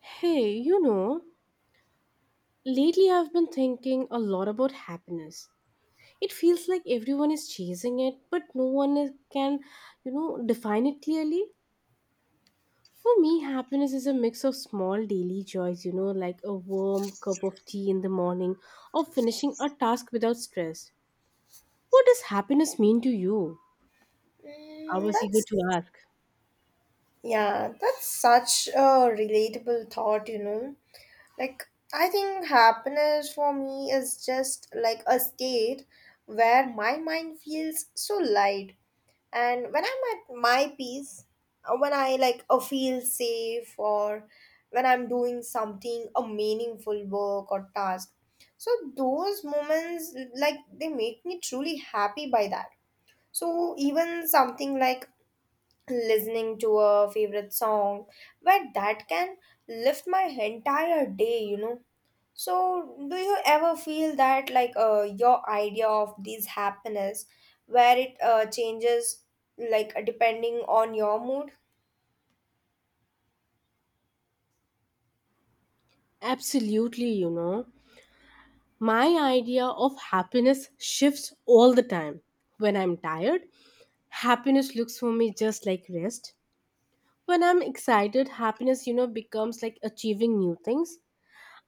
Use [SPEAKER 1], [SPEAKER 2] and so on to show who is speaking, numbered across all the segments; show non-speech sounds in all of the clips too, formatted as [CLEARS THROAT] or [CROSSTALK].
[SPEAKER 1] Hey, lately I've been thinking a lot about happiness. It feels like everyone is chasing it, but no one can, define it clearly. For me, happiness is a mix of small daily joys, like a warm cup of tea in the morning or finishing a task without stress. What does happiness mean to you? I
[SPEAKER 2] Mm,
[SPEAKER 1] was eager
[SPEAKER 2] that's
[SPEAKER 1] to ask.
[SPEAKER 2] yeah, that's such a relatable thought. Like I think happiness for me is just like a state where my mind feels so light. And when I'm at my peace, when I like feel safe or when I'm doing something a meaningful work or task. So those moments like they make me truly happy by that. So even something like listening to a favorite song where that can lift my entire day. So do you ever feel that like your idea of this happiness where it changes like depending on your mood?
[SPEAKER 1] Absolutely. My idea of happiness shifts all the time. When I'm tired, happiness looks for me just like rest. When I'm excited, happiness, becomes like achieving new things.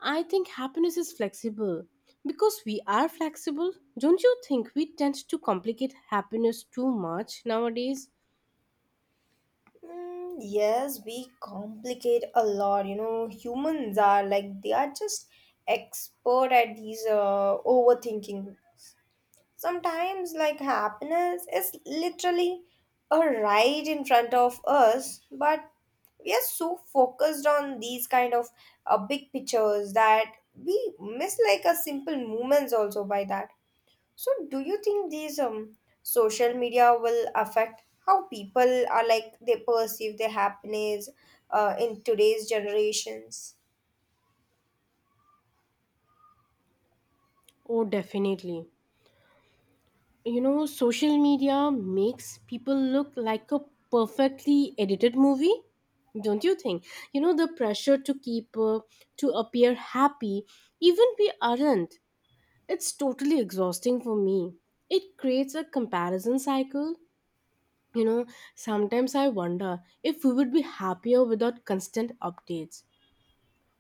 [SPEAKER 1] I think happiness is flexible because we are flexible. Don't you think we tend to complicate happiness too much nowadays?
[SPEAKER 2] Yes, we complicate a lot. Humans are like they are just expert at these overthinking. Sometimes, like happiness is literally a right in front of us, but we are so focused on these kind of big pictures that we miss like a simple moments also by that. So, do you think these social media will affect how people are like they perceive their happiness in today's generations?
[SPEAKER 1] Oh, definitely. Social media makes people look like a perfectly edited movie. Don't you think? The pressure to keep up, to appear happy, even we aren't, it's totally exhausting for me. It creates a comparison cycle, you know sometimes I wonder if we would be happier without constant updates.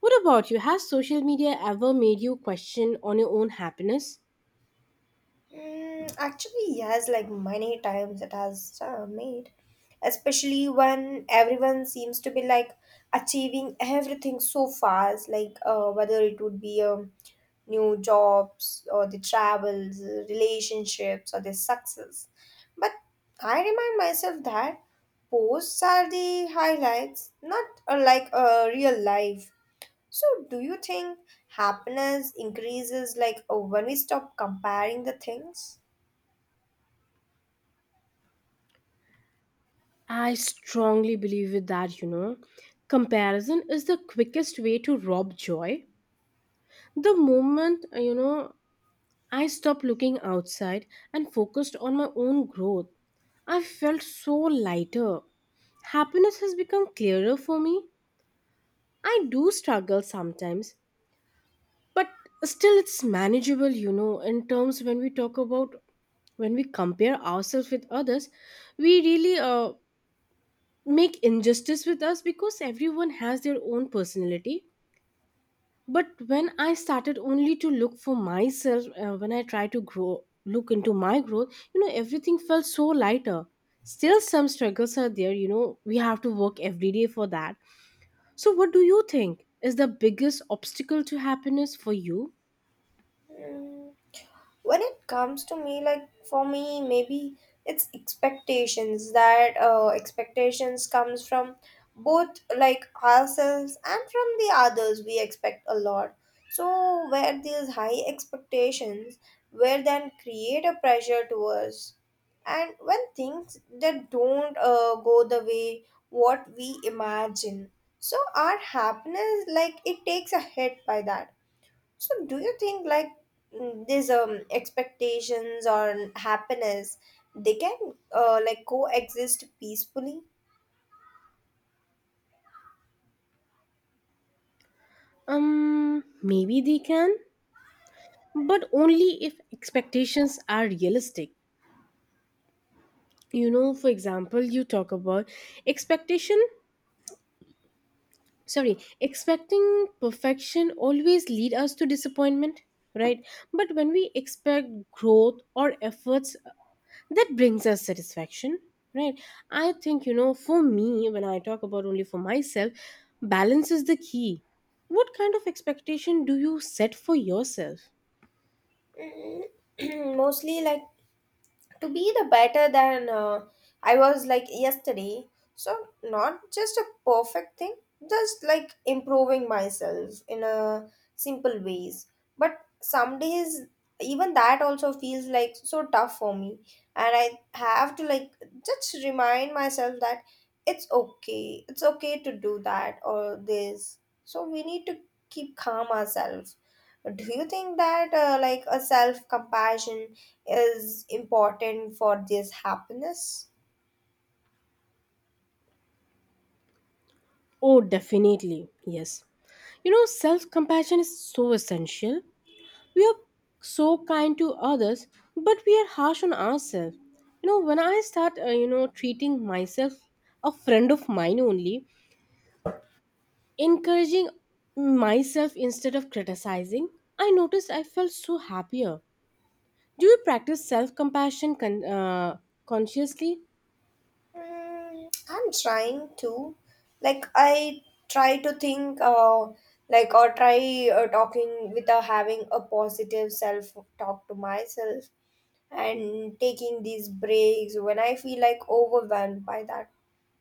[SPEAKER 1] What about you? Has social media ever made you question on your own happiness?
[SPEAKER 2] Actually, yes, like many times it has made, especially when everyone seems to be like achieving everything so fast, like whether it would be new jobs or the travels, relationships, or the success. But I remind myself that posts are the highlights, not like a real life. So, do you think happiness increases like when we stop comparing the things?
[SPEAKER 1] I strongly believe with that, comparison is the quickest way to rob joy. The moment I stopped looking outside and focused on my own growth. I felt so lighter. Happiness has become clearer for me. I do struggle sometimes, but still it's manageable, in terms when we talk about, when we compare ourselves with others, we really make injustice with us because everyone has their own personality. But when I started only to look for myself, when I tried to grow look into my growth, everything felt so lighter. Still some struggles are there, we have to work every day for that. So what do you think is the biggest obstacle to happiness for you?
[SPEAKER 2] Mm. When it comes to me like for me maybe it's expectations comes from both like ourselves and from the others. We expect a lot, so where these high expectations where then create a pressure to us, and when things that don't go the way what we imagine, so our happiness like it takes a hit by that. So, do you think like these expectations or happiness they can like coexist peacefully?
[SPEAKER 1] Um maybe they can, but only if expectations are realistic. You know, for example, you talk about expectation, sorry, expecting perfection always lead us to disappointment, right? But when we expect growth or efforts, that brings us satisfaction, right? I think, for me when I talk about only for myself, balance is the key. What kind of expectation do you set for yourself?
[SPEAKER 2] Mm, [CLEARS THROAT] Mostly, like to be the better than I was like yesterday. So not just a perfect thing, just like improving myself in a simple ways. But some days even that also feels like so tough for me, and I have to like just remind myself that it's okay. It's okay to do that or this. So we need to keep calm ourselves. Do you think that like a self compassion is important for this happiness?
[SPEAKER 1] Oh, definitely, yes. Self compassion is so essential. We are so kind to others, but we are harsh on ourselves. When I start, treating myself a friend of mine only, encouraging myself instead of criticizing, I noticed I felt so happier. Do you practice self compassion consciously?
[SPEAKER 2] I'm trying to, like, I try to think, like, or try talking without having a positive self talk to myself and taking these breaks when I feel like overwhelmed by that.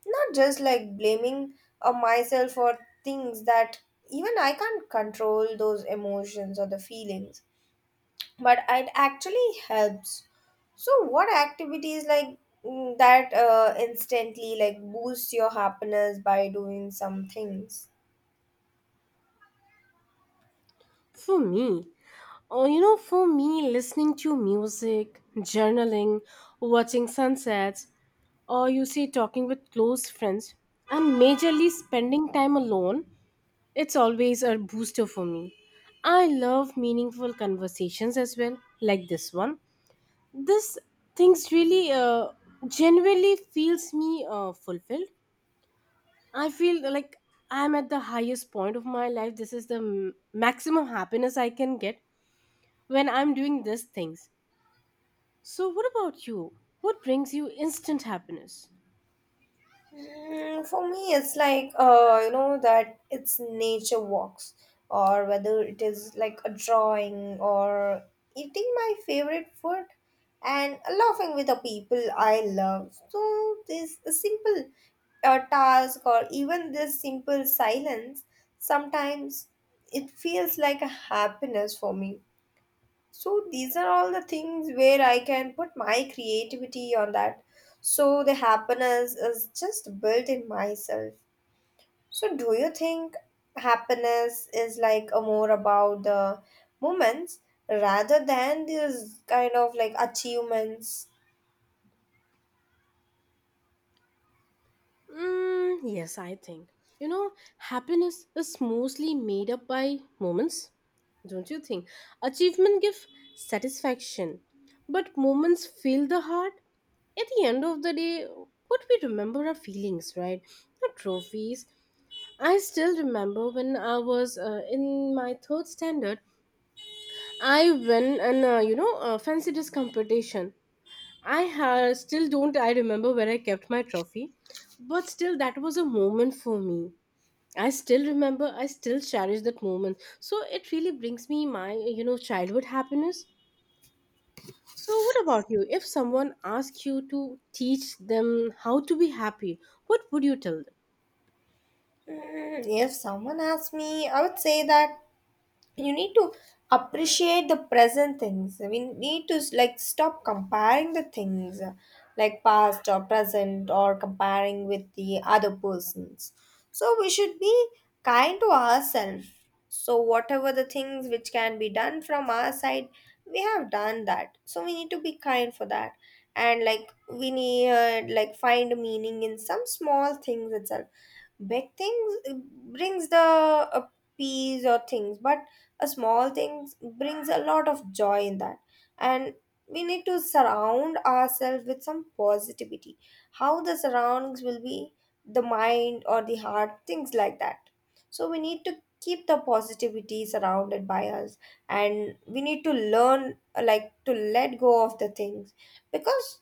[SPEAKER 2] Not just like blaming myself for things that even I can't control those emotions or the feelings, but it actually helps. So, what activities like that instantly like boost your happiness by doing some things?
[SPEAKER 1] For me, Oh, for me, listening to music, journaling, watching sunsets, or you see, talking with close friends, and majorly spending time alone, it's always a booster for me. I love meaningful conversations as well, like this one. This things really, genuinely feels me fulfilled. I feel like I'm at the highest point of my life. This is the maximum happiness I can get when I'm doing these things. So, what about you? What brings you instant happiness?
[SPEAKER 2] For me, it's like you know that it's nature walks, or whether it is like a drawing or eating my favorite food and laughing with the people I love. So this simple task or even this simple silence sometimes it feels like a happiness for me, so these are all the things where I can put my creativity on that. So the happiness is just built in myself. So do you think happiness is like a more about the moments rather than these kind of like achievements?
[SPEAKER 1] Mm, yes, I think. You know, happiness is mostly made up by moments, don't you think? Achievement give satisfaction, but moments fill the heart. At the end of the day, what we remember are feelings, right? Not trophies. I still remember when I was, in my third standard, I won an, a fancy dress competition. I still don't I remember where I kept my trophy, but still that was a moment for me. I still remember, I still cherish that moment. So it really brings me my, childhood happiness. So what about you? If someone asked you to teach them how to be happy, what would you tell them?
[SPEAKER 2] If someone asked me, I would say that you need to appreciate the present things. We need to like stop comparing the things like past or present or comparing with the other persons. So we should be kind to ourselves, so whatever the things which can be done from our side we have done that, so we need to be kind for that. And like we need like find meaning in some small things itself. Big things brings the peace or things, but a small thing brings a lot of joy in that. And we need to surround ourselves with some positivity. How the surroundings will be, the mind or the heart things like that. So we need to keep the positivity surrounded by us, and we need to learn like to let go of the things because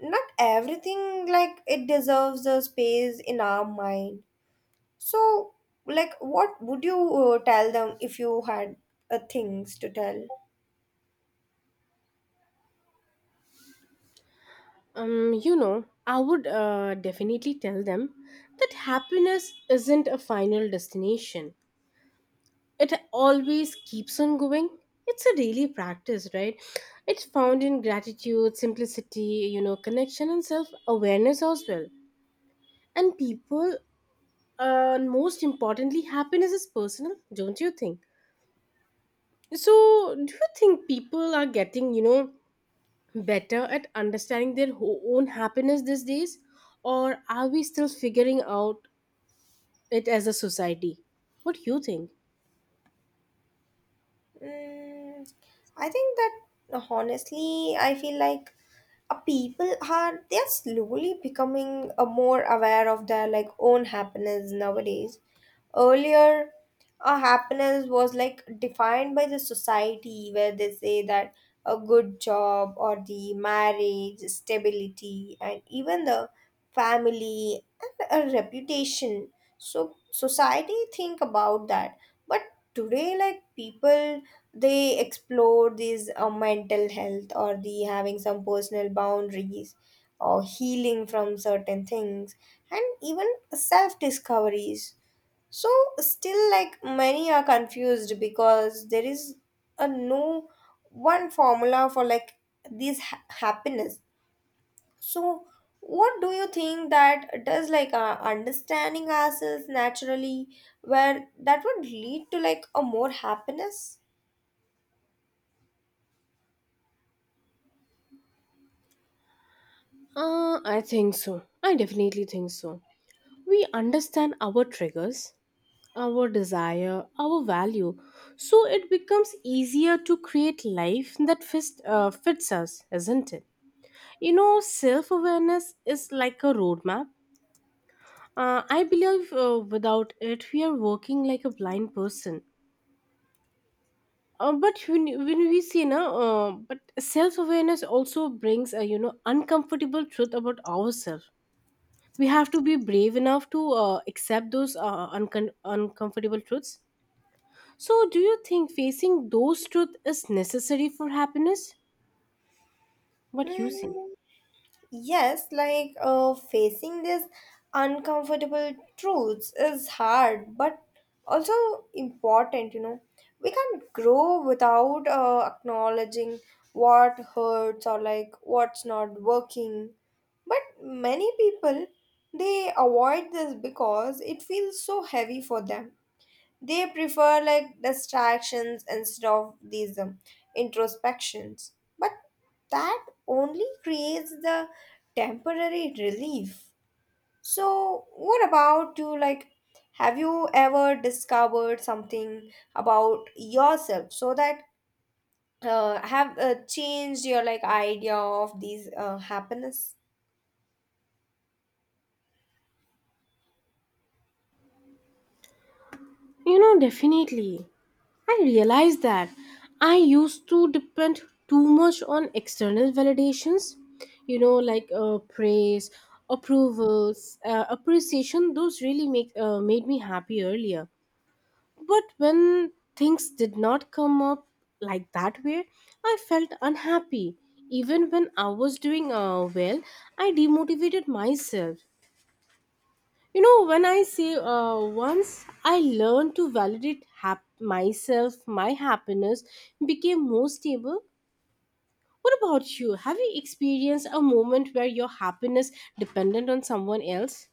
[SPEAKER 2] not everything like it deserves a space in our mind. So, like, what would you tell them if you had things to tell?
[SPEAKER 1] I would definitely tell them that happiness isn't a final destination. It always keeps on going. It's a daily practice, right? It's found in gratitude, simplicity, connection, and self awareness as well. And people, most importantly, happiness is personal, don't you think? So do you think people are getting, better at understanding their own happiness these days? Or are we still figuring out it as a society? What do you think?
[SPEAKER 2] Mm, I think that honestly, I feel like people are they are slowly becoming more aware of their like own happiness nowadays. Earlier, happiness was like defined by the society where they say that a good job or the marriage, stability, and even the family and a reputation. So society think about that, but today like people they explore these mental health or the having some personal boundaries or healing from certain things and even self discoveries. So still like many are confused because there is a no one formula for like this happiness. So what do you think that does like understanding ourselves naturally where that would lead to like a more happiness?
[SPEAKER 1] Uh, I think so, I definitely think so. We understand our triggers, our desire, our value, so it becomes easier to create life that fits us, isn't it? Self awareness is like a roadmap. I believe, without it, we are working like a blind person. But when we see, na, but self awareness also brings a, uncomfortable truth about ourselves. We have to be brave enough to, accept those, uncomfortable truths. So, do you think facing those truths is necessary for happiness? What you say?
[SPEAKER 2] Hmm. Yes, like facing these uncomfortable truths is hard, but also important. We can't grow without acknowledging what hurts or like what's not working. But many people they avoid this because it feels so heavy for them. They prefer like distractions instead of these introspections. But that only creates the temporary relief. So, what about you? Like, have you ever discovered something about yourself so that have changed your like idea of these happiness?
[SPEAKER 1] Definitely. I realized that I used to depend too much on external validations, like praise, approvals, appreciation. Those really make made me happy earlier. But when things did not come up like that way, I felt unhappy. Even when I was doing, well, I demotivated myself. When I say, once I learned to validate myself, my happiness became more stable. What about you? Have you experienced a moment where your happiness dependent on someone else?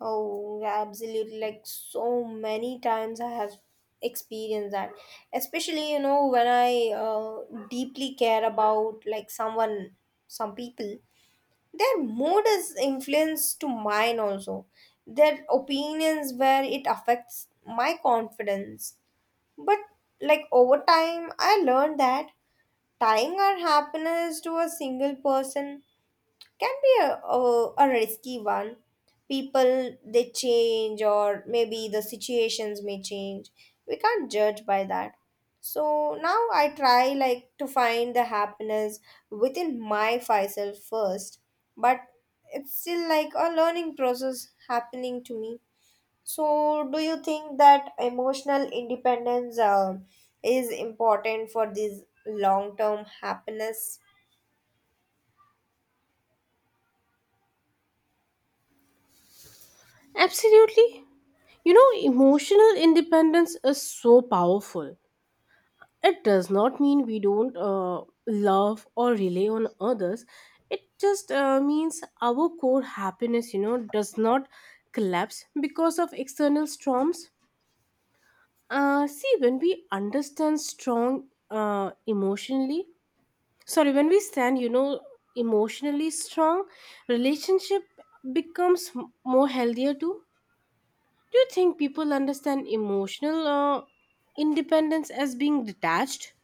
[SPEAKER 2] Oh, absolutely. Like so many times I have experienced that. Especially, when I deeply care about like someone, some people, their mood is influenced to mine also. Their opinions where it affects my confidence. But like over time, I learned that tying our happiness to a single person can be a risky one. People they change, or maybe the situations may change, we can't judge by that. So now I try like to find the happiness within my myself first. But it's still like a learning process happening to me. So do you think that emotional independence is important for this long term happiness?
[SPEAKER 1] Absolutely. Emotional independence is so powerful. It does not mean we don't, love or rely on others. It just, means our core happiness, does not collapse because of external storms. See, when we understand strong, emotionally, sorry, when we stand, emotionally strong, relationship becomes more healthier too. Do you think people understand emotional, independence as being detached?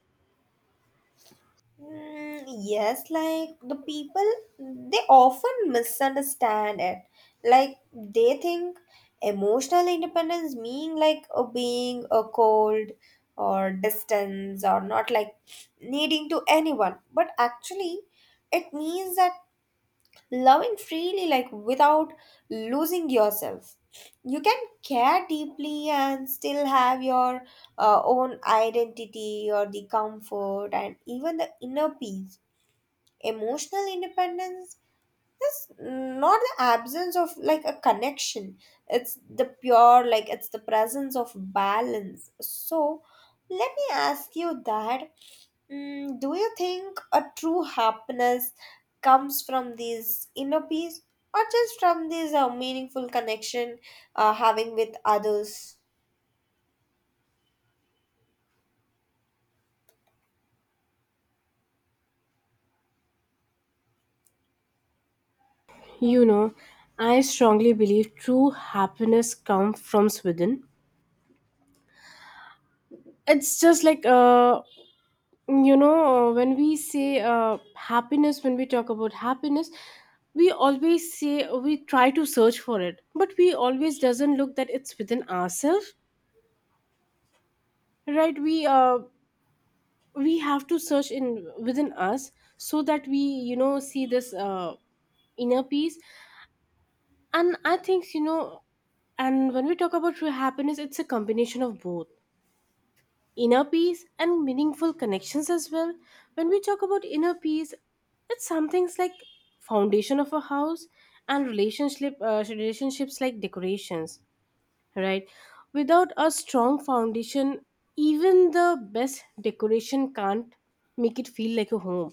[SPEAKER 2] Yes, like the people, they often misunderstand it. Like they think emotional independence mean like a being a cold or distance or not like needing to anyone. But actually, it means that loving freely, like without losing yourself. You can care deeply and still have your own identity or the comfort and even the inner peace. Emotional independence is not the absence of like a connection, it's the pure, like, it's the presence of balance. So, let me ask you that. Do you think a true happiness comes from this inner peace or just from this meaningful connection having with others?
[SPEAKER 1] You know, I strongly believe true happiness comes from within. It's just like, when we say, happiness, when we talk about happiness, we always say we try to search for it, but we always doesn't look that it's within ourselves, right? We have to search in within us so that we, see this, inner peace. And I think, and when we talk about true happiness, it's a combination of both inner peace and meaningful connections as well. When we talk about inner peace, it's some things like foundation of a house, and relationships like decorations, right? Without a strong foundation, even the best decoration can't make it feel like a home.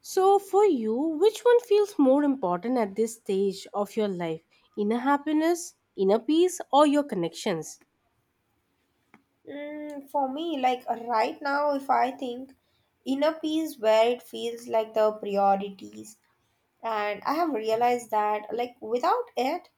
[SPEAKER 1] So for you, which one feels more important at this stage of your life, inner happiness, inner peace, or your connections?
[SPEAKER 2] For me, like right now, if I think inner peace where it feels like the priorities, and I have realized that like without it,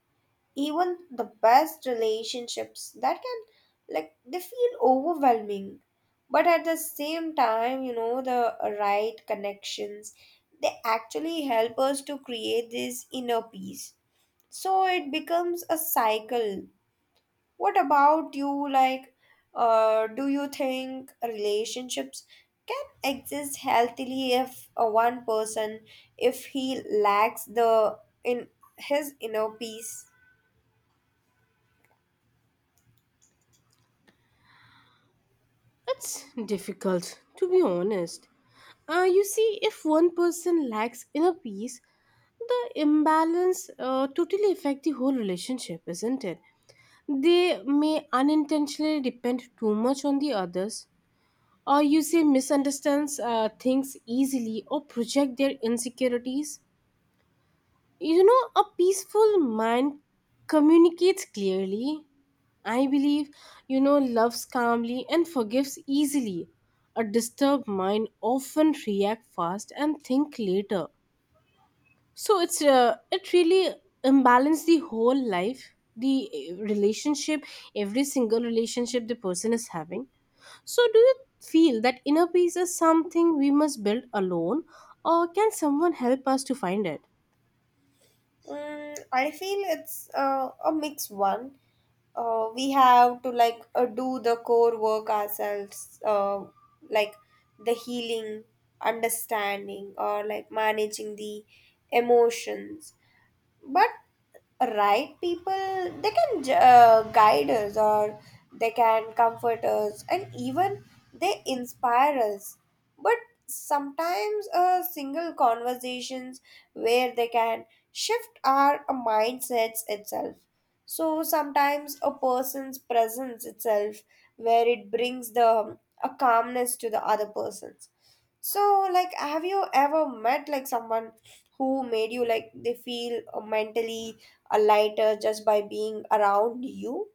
[SPEAKER 2] even the best relationships that can like they feel overwhelming. But at the same time, the right connections they actually help us to create this inner peace, so it becomes a cycle. What about you, like do you think relationships can exist healthily if one person if he lacks the in his inner peace?
[SPEAKER 1] It's difficult, to be honest. You see, if one person lacks inner peace, the imbalance, totally affect the whole relationship, isn't it? They may unintentionally depend too much on the others, or you say misunderstands, things easily, or project their insecurities. A peaceful mind communicates clearly. I believe, loves calmly and forgives easily. A disturbed mind often react fast and think later. So it really imbalance the whole life, the, relationship, every single relationship the person is having. So do you feel that inner peace is something we must build alone, or can someone help us to find it?
[SPEAKER 2] I feel it's a mixed one. We have to like do the core work ourselves, like the healing, understanding, or like managing the emotions. But right people they can guide us, or they can comfort us, and even they inspire us. But sometimes a single conversations where they can shift our mindsets itself. So sometimes a person's presence itself where it brings the a calmness to the other person. So, like, have you ever met like someone who made you like they feel mentally a lighter just by being around you?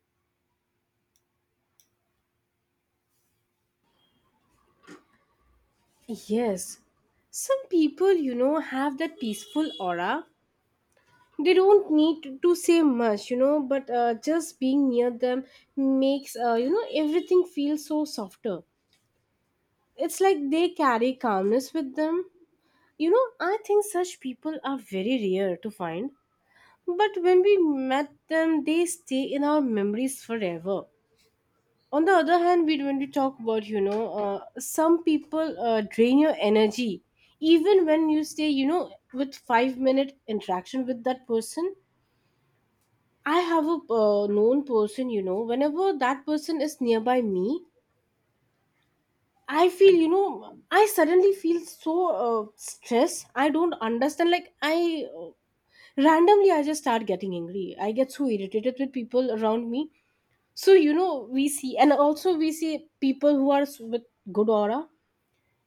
[SPEAKER 1] Yes. Some people, have that peaceful aura. They don't need to say much, but, just being near them makes, everything feel so softer. It's like they carry calmness with them. I think such people are very rare to find. But when we met them, they stay in our memories forever. On the other hand, we when we talk about, some people, drain your energy even when you stay, with 5-minute interaction with that person. I have a, known person, whenever that person is nearby me, I feel, I suddenly feel so, stressed. I don't understand, like I uh, randomly I just start getting angry, I get so irritated with people around me. So, we see, and also we see people who are with good aura.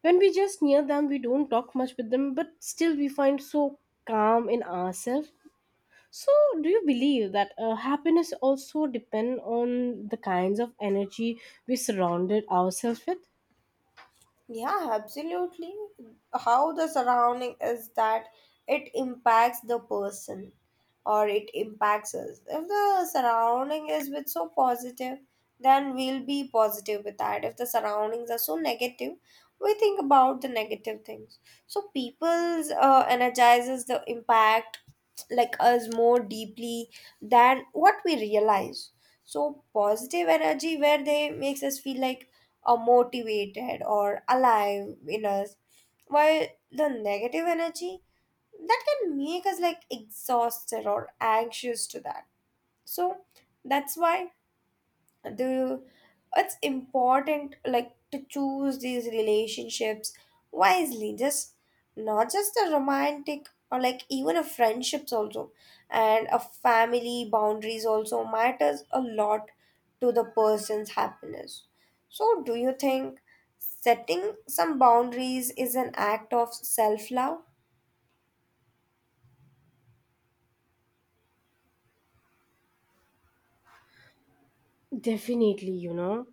[SPEAKER 1] When we just near them, we don't talk much with them, but still we find so calm in ourselves. So, do you believe that, happiness also depend on the kinds of energy we surrounded ourselves with?
[SPEAKER 2] Yeah, absolutely. How the surrounding is that, it impacts the person or it impacts us. If the surrounding is with so positive, then we'll be positive with that. If the surroundings are so negative, we think about the negative things. So people's energizes the impact like us more deeply than what we realize. So positive energy where they makes us feel like or motivated or alive in us, while the negative energy that can make us like exhausted or anxious to that. So that's why, do you it's important like to choose these relationships wisely, just not just a romantic or like even a friendships also, and a family boundaries also matters a lot to the person's happiness. So do you think setting some boundaries is an act of self love?
[SPEAKER 1] Definitely,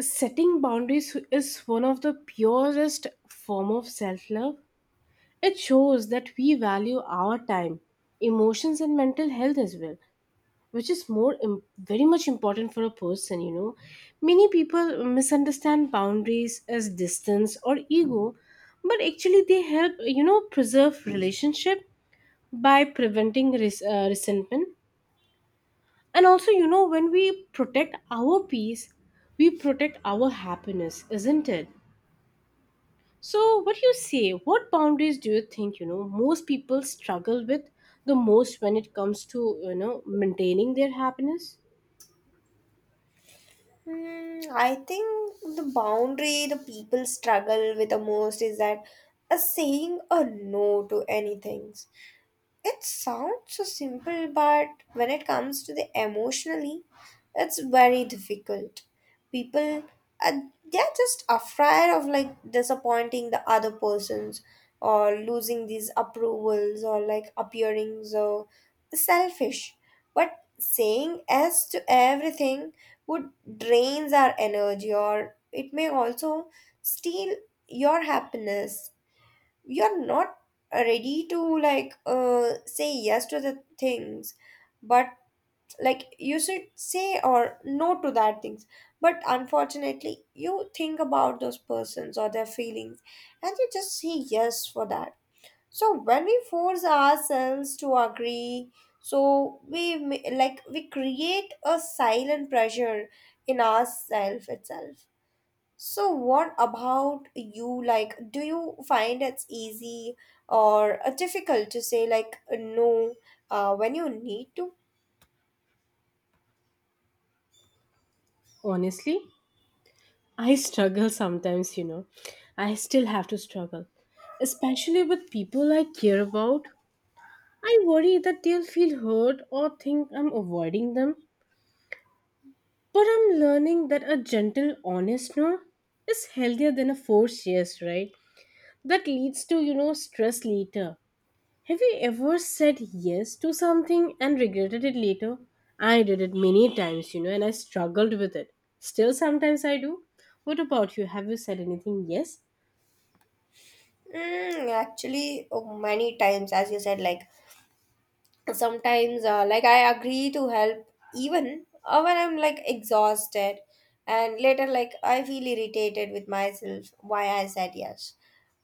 [SPEAKER 1] setting boundaries is one of the purest form of self-love. It shows that we value our time, emotions and mental health as well. Which is more im- Very much important for a person, many people misunderstand boundaries as distance or ego, but actually they help, preserve relationship by preventing resentment. And also, you know, when we protect our peace, we protect our happiness, isn't it? So what do you say, what boundaries do you think, most people struggle with the most when it comes to, you know maintaining their happiness?
[SPEAKER 2] I think the boundary the people struggle with the most is that a saying a no to anything. It sounds so simple, but when it comes to the emotionally, it's very difficult. People, uh, they're just afraid of like disappointing the other persons, or losing these approvals, or like appearing so selfish. But saying yes to everything would drains our energy, or it may also steal your happiness. You're not ready to like say yes to the things, but like you should say or no to that things. But unfortunately you think about those persons or their feelings, and you just say yes for that. So when we force ourselves to agree, so like we create a silent pressure in ourself itself. So, what about you? Like, do you find it's easy or difficult to say, like, no, when you need to?
[SPEAKER 1] Honestly, I struggle sometimes, you know. I still have to struggle, especially with people I care about. I worry that they'll feel hurt or think I'm avoiding them. But I'm learning that a gentle, honest no is healthier than a forced yes, right? That leads to, stress later. Have you ever said yes to something and regretted it later? I did it many times, you know, and I struggled with it. Still, sometimes I do. What about you? Have you said anything yes?
[SPEAKER 2] Actually, oh, many times, as you said, like, sometimes like I agree to help, even when I'm like exhausted, and later like I feel irritated with myself why I said yes.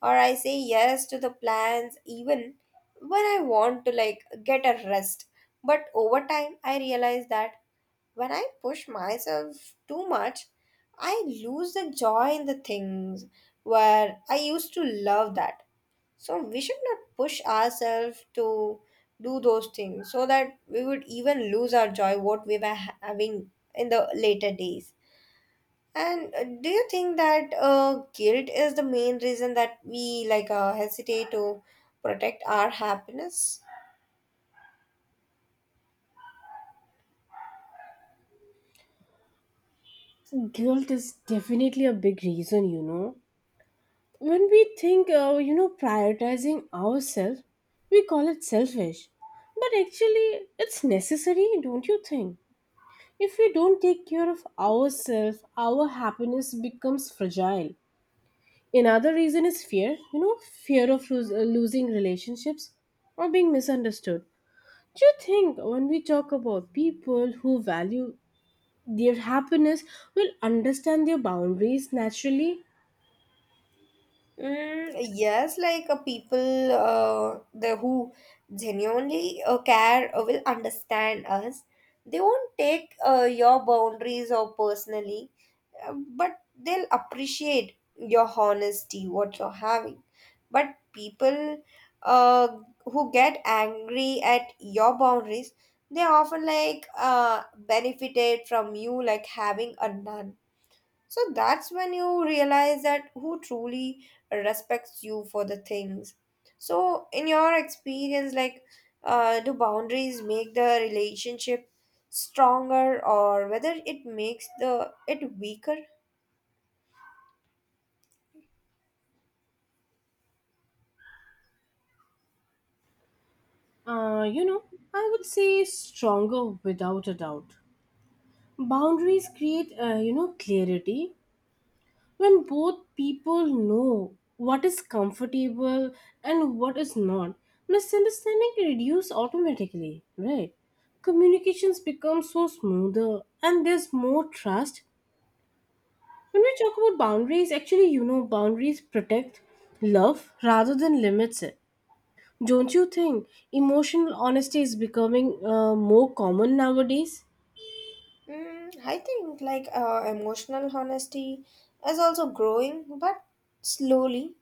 [SPEAKER 2] Or I say yes to the plans even when I want to like get a rest. But over time I realize that when I push myself too much, I lose the joy in the things where I used to love that. So we should not push ourselves to do those things, so that we would even lose our joy what we were having in the later days. And do you think that guilt is the main reason that we like hesitate to protect our happiness?
[SPEAKER 1] Guilt is definitely a big reason, you know. When we think, you know, prioritizing ourselves, we call it selfish. But actually, it's necessary, don't you think? If we don't take care of ourselves, our happiness becomes fragile. Another reason is fear, you know, fear of losing relationships or being misunderstood. Do you think when we talk about people who value their happiness will understand their boundaries naturally?
[SPEAKER 2] Yes, like people the who genuinely care will understand us. They won't take your boundaries or personally. But they'll appreciate your honesty, what you're having. But people, uh, who get angry at your boundaries, they often like benefited from you like having a none. So that's when you realize that who truly respects you for the things. So in your experience, like do boundaries make the relationship stronger, or whether it makes the it weaker?
[SPEAKER 1] You know, I would say stronger without a doubt. Boundaries create, you know, clarity when both people know what is comfortable and what is not. Misunderstanding reduce automatically, right? Communications become so smoother and there's more trust. When we talk about boundaries, actually, you know, boundaries protect love rather than limits it. Don't you think emotional honesty is becoming more common nowadays?
[SPEAKER 2] I think like emotional honesty is also growing, but slowly.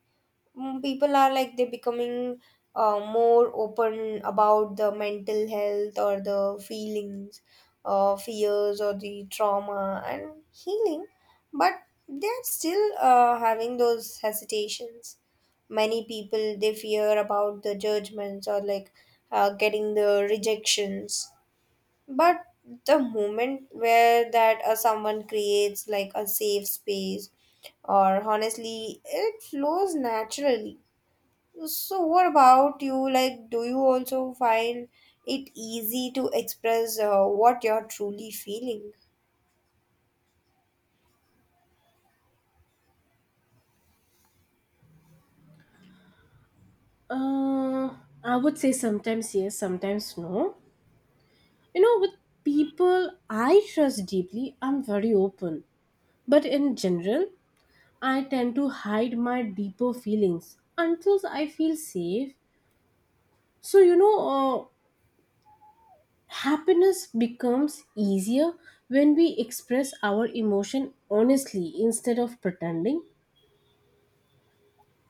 [SPEAKER 2] Mm, people are like they're becoming more open about the mental health or the feelings, fears or the trauma and healing, but they're still having those hesitations. Many people they fear about the judgments, or like getting the rejections. But the moment where that someone creates like a safe space, or honestly, it flows naturally. So, what about you? Like, do you also find it easy to express what you're truly feeling?
[SPEAKER 1] Uh, I would say sometimes yes, sometimes no. You know, with people I trust deeply, I'm very open. But in general, I tend to hide my deeper feelings until I feel safe. So, happiness becomes easier when we express our emotion honestly instead of pretending.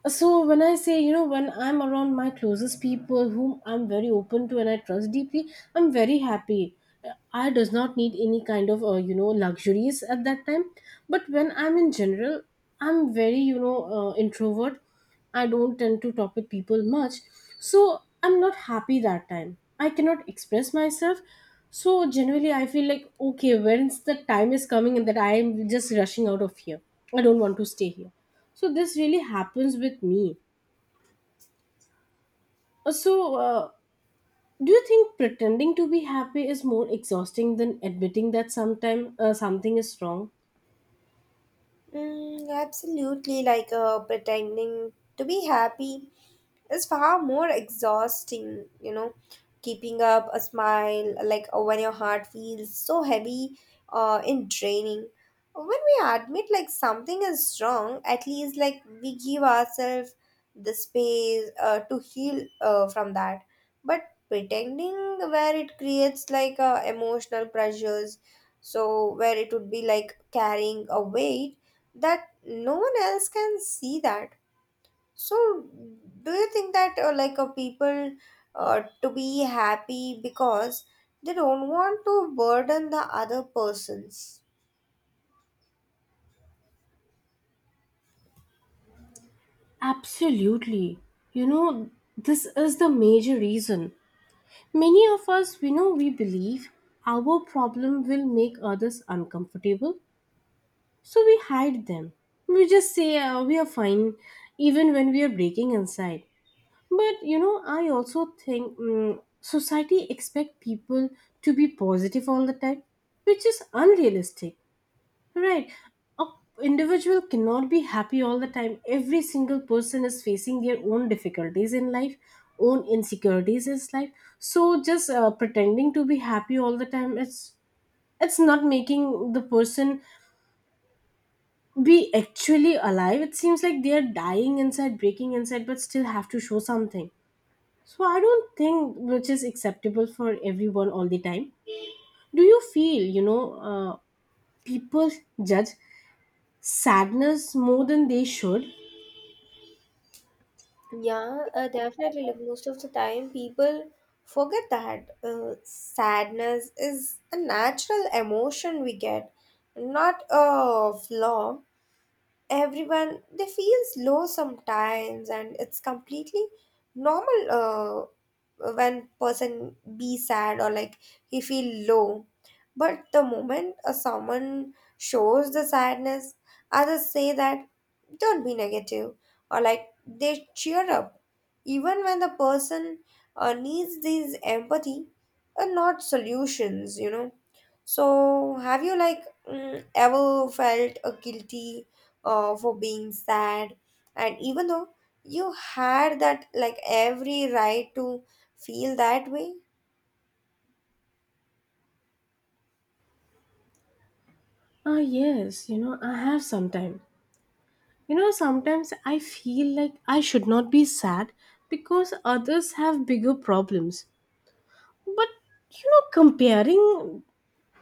[SPEAKER 1] So when I say, you know, when I'm around my closest people whom I'm very open to and I trust deeply, I'm very happy. I does not need any kind of, you know, luxuries at that time. But when I'm in general, I'm very, introvert. I don't tend to talk with people much, so I'm not happy that time. I cannot express myself. So generally, I feel like okay, when's the time is coming and that I am just rushing out of here. I don't want to stay here. So this really happens with me. So do you think pretending to be happy is more exhausting than admitting that sometime something is wrong?
[SPEAKER 2] Absolutely, like pretending to be happy is far more exhausting, you know, keeping up a smile like when your heart feels so heavy in draining. When we admit like something is wrong, at least like we give ourselves the space to heal from that. But pretending where it creates like emotional pressures, so where it would be like carrying a weight that no one else can see that. So, do you think that like people to be happy because they don't want to burden the other persons?
[SPEAKER 1] Absolutely. You know, this is the major reason. Many of us, we know, we believe our problem will make others uncomfortable, so we hide them. We just say we are fine, even when we are breaking inside. But you know, I also think society expect people to be positive all the time, which is unrealistic. Right. A individual cannot be happy all the time. Every single person is facing their own difficulties in life, own insecurities in life. So just pretending to be happy all the time, it's not making the person be actually alive. It seems like they are dying inside, breaking inside, but still have to show something. So I don't think which is acceptable for everyone all the time. Do you feel, uh, people judge sadness more than they should?
[SPEAKER 2] Yeah, definitely. Like most of the time, people forget that sadness is a natural emotion we get, not a flaw. Everyone they feels low sometimes, and it's completely normal when person be sad, or like he feel low. But the moment someone shows the sadness, others say that don't be negative, or like they cheer up, even when the person needs these empathy, are not solutions, you know. So have you like ever felt guilty for being sad, and even though you had that like every right to feel that way?
[SPEAKER 1] Ah, yes, you know, I have sometimes. You know, sometimes I feel like I should not be sad because others have bigger problems. But, you know, comparing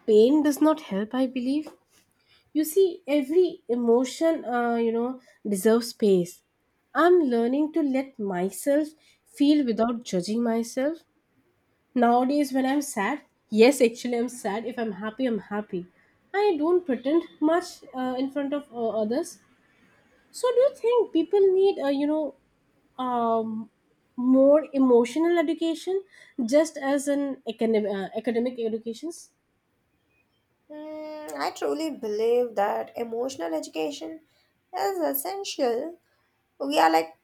[SPEAKER 1] pain does not help, I believe. You see, every emotion, you know, deserves space. I'm learning to let myself feel without judging myself. Nowadays, when I'm sad, yes, actually, I'm sad. If I'm happy, I'm happy. I don't pretend much in front of others. So do you think people need a, um, more emotional education just as an academic educations?
[SPEAKER 2] I truly believe that emotional education is essential. We are like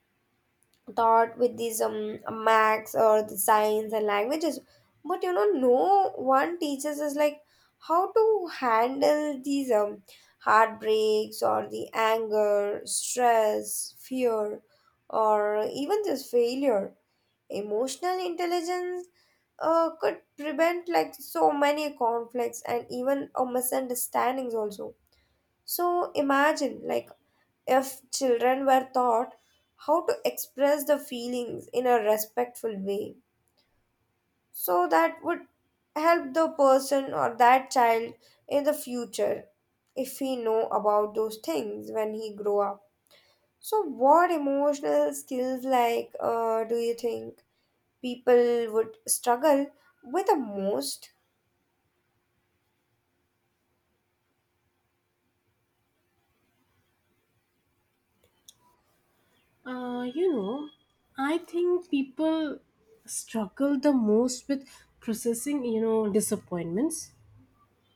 [SPEAKER 2] taught with these max or the science and languages, but you know no one teaches us like how to handle these heartbreaks, or the anger, stress, fear, or even this failure. Emotional intelligence could prevent like so many conflicts, and even misunderstandings also. So imagine like if children were taught how to express the feelings in a respectful way, so that would help the person or that child in the future, if he know about those things when he grow up. So what emotional skills like do you think people would struggle with the most?
[SPEAKER 1] You know, I think people struggle the most with processing, disappointments.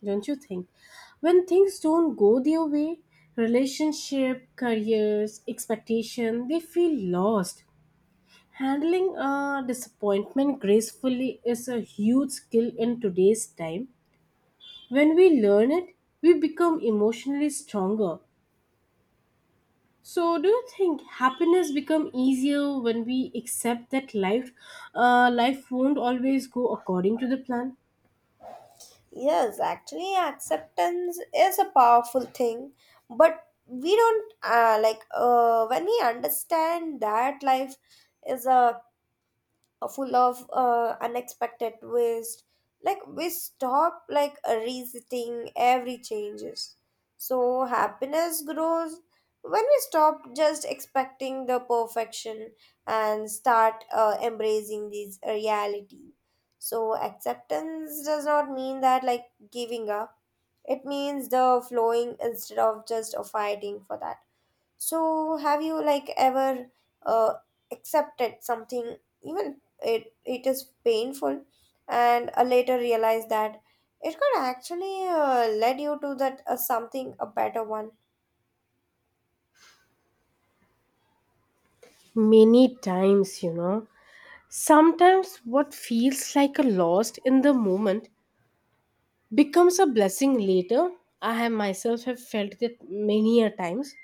[SPEAKER 1] Don't you think? When things don't go their way, relationship, careers, expectation, they feel lost. Handling disappointment gracefully is a huge skill in today's time. When we learn it, we become emotionally stronger. So, do you think happiness become easier when we accept that life won't always go according to the plan?
[SPEAKER 2] Yes, actually, acceptance is a powerful thing, but we don't like when we understand that life is a full of unexpected twist, like we stop like resisting every changes. So happiness grows when we stop just expecting the perfection, and start embracing this reality. So acceptance does not mean that like giving up, it means the flowing instead of just fighting for that. So, have you like ever uh, accepted something, even it is painful, and later realized that it could actually led you to that something a better one?
[SPEAKER 1] Many times, you know, sometimes what feels like a loss in the moment becomes a blessing later. I have myself have felt that many a times.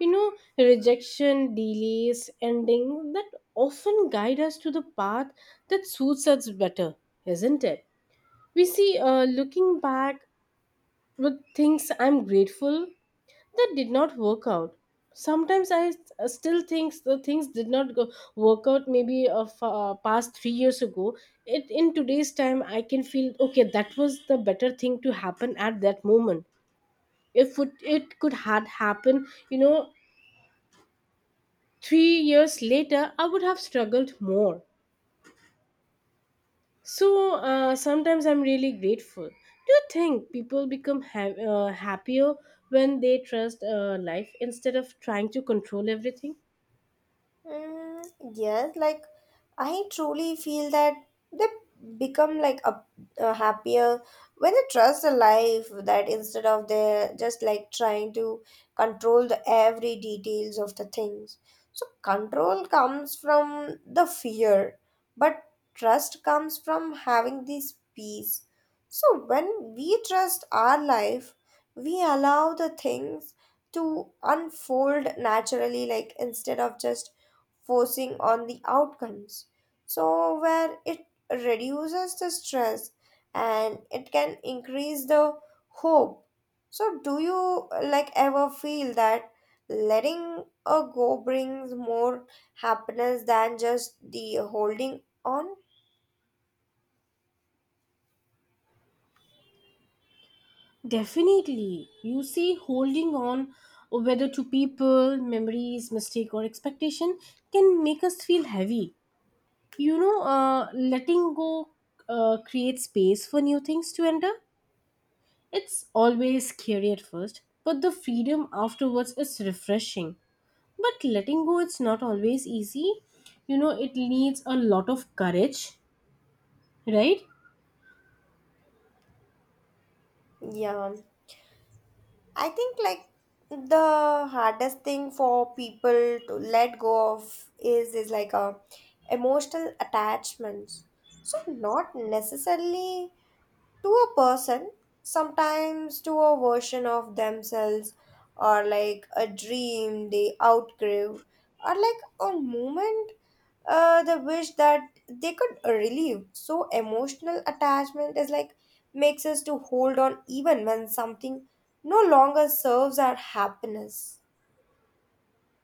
[SPEAKER 1] You know, rejection, delays, ending that often guide us to the path that suits us better, isn't it? We see, looking back with things I'm grateful that did not work out. Sometimes I still think the things did not go, work out maybe of past 3 years ago. It in today's time I can feel okay that was the better thing to happen at that moment. If it could had happened, you know, 3 years later, I would have struggled more. So sometimes I'm really grateful. Do you think people become happier when they trust life instead of trying to control everything?
[SPEAKER 2] Mm, yes, like I truly feel that they become like a happier when they trust the life that, instead of they just like trying to control the every details of the things. So control comes from the fear, but trust comes from having this peace. So when we trust our life, we allow the things to unfold naturally, like instead of just forcing on the outcomes. So, where it reduces the stress, and it can increase the hope. So, do you like ever feel that letting a go brings more happiness than just the holding on?
[SPEAKER 1] Definitely. You see, holding on whether to people, memories, mistake, or expectation can make us feel heavy. You know, letting go creates space for new things to enter. It's always scary at first, but the freedom afterwards is refreshing. But letting go, it's not always easy. You know, it needs a lot of courage, right?
[SPEAKER 2] Yeah, I think like the hardest thing for people to let go of is like a emotional attachments. So not necessarily to a person, sometimes to a version of themselves, or like a dream they outgrew, or like a moment, the wish that they could relieve. So emotional attachment is like makes us to hold on, even when something no longer serves our happiness.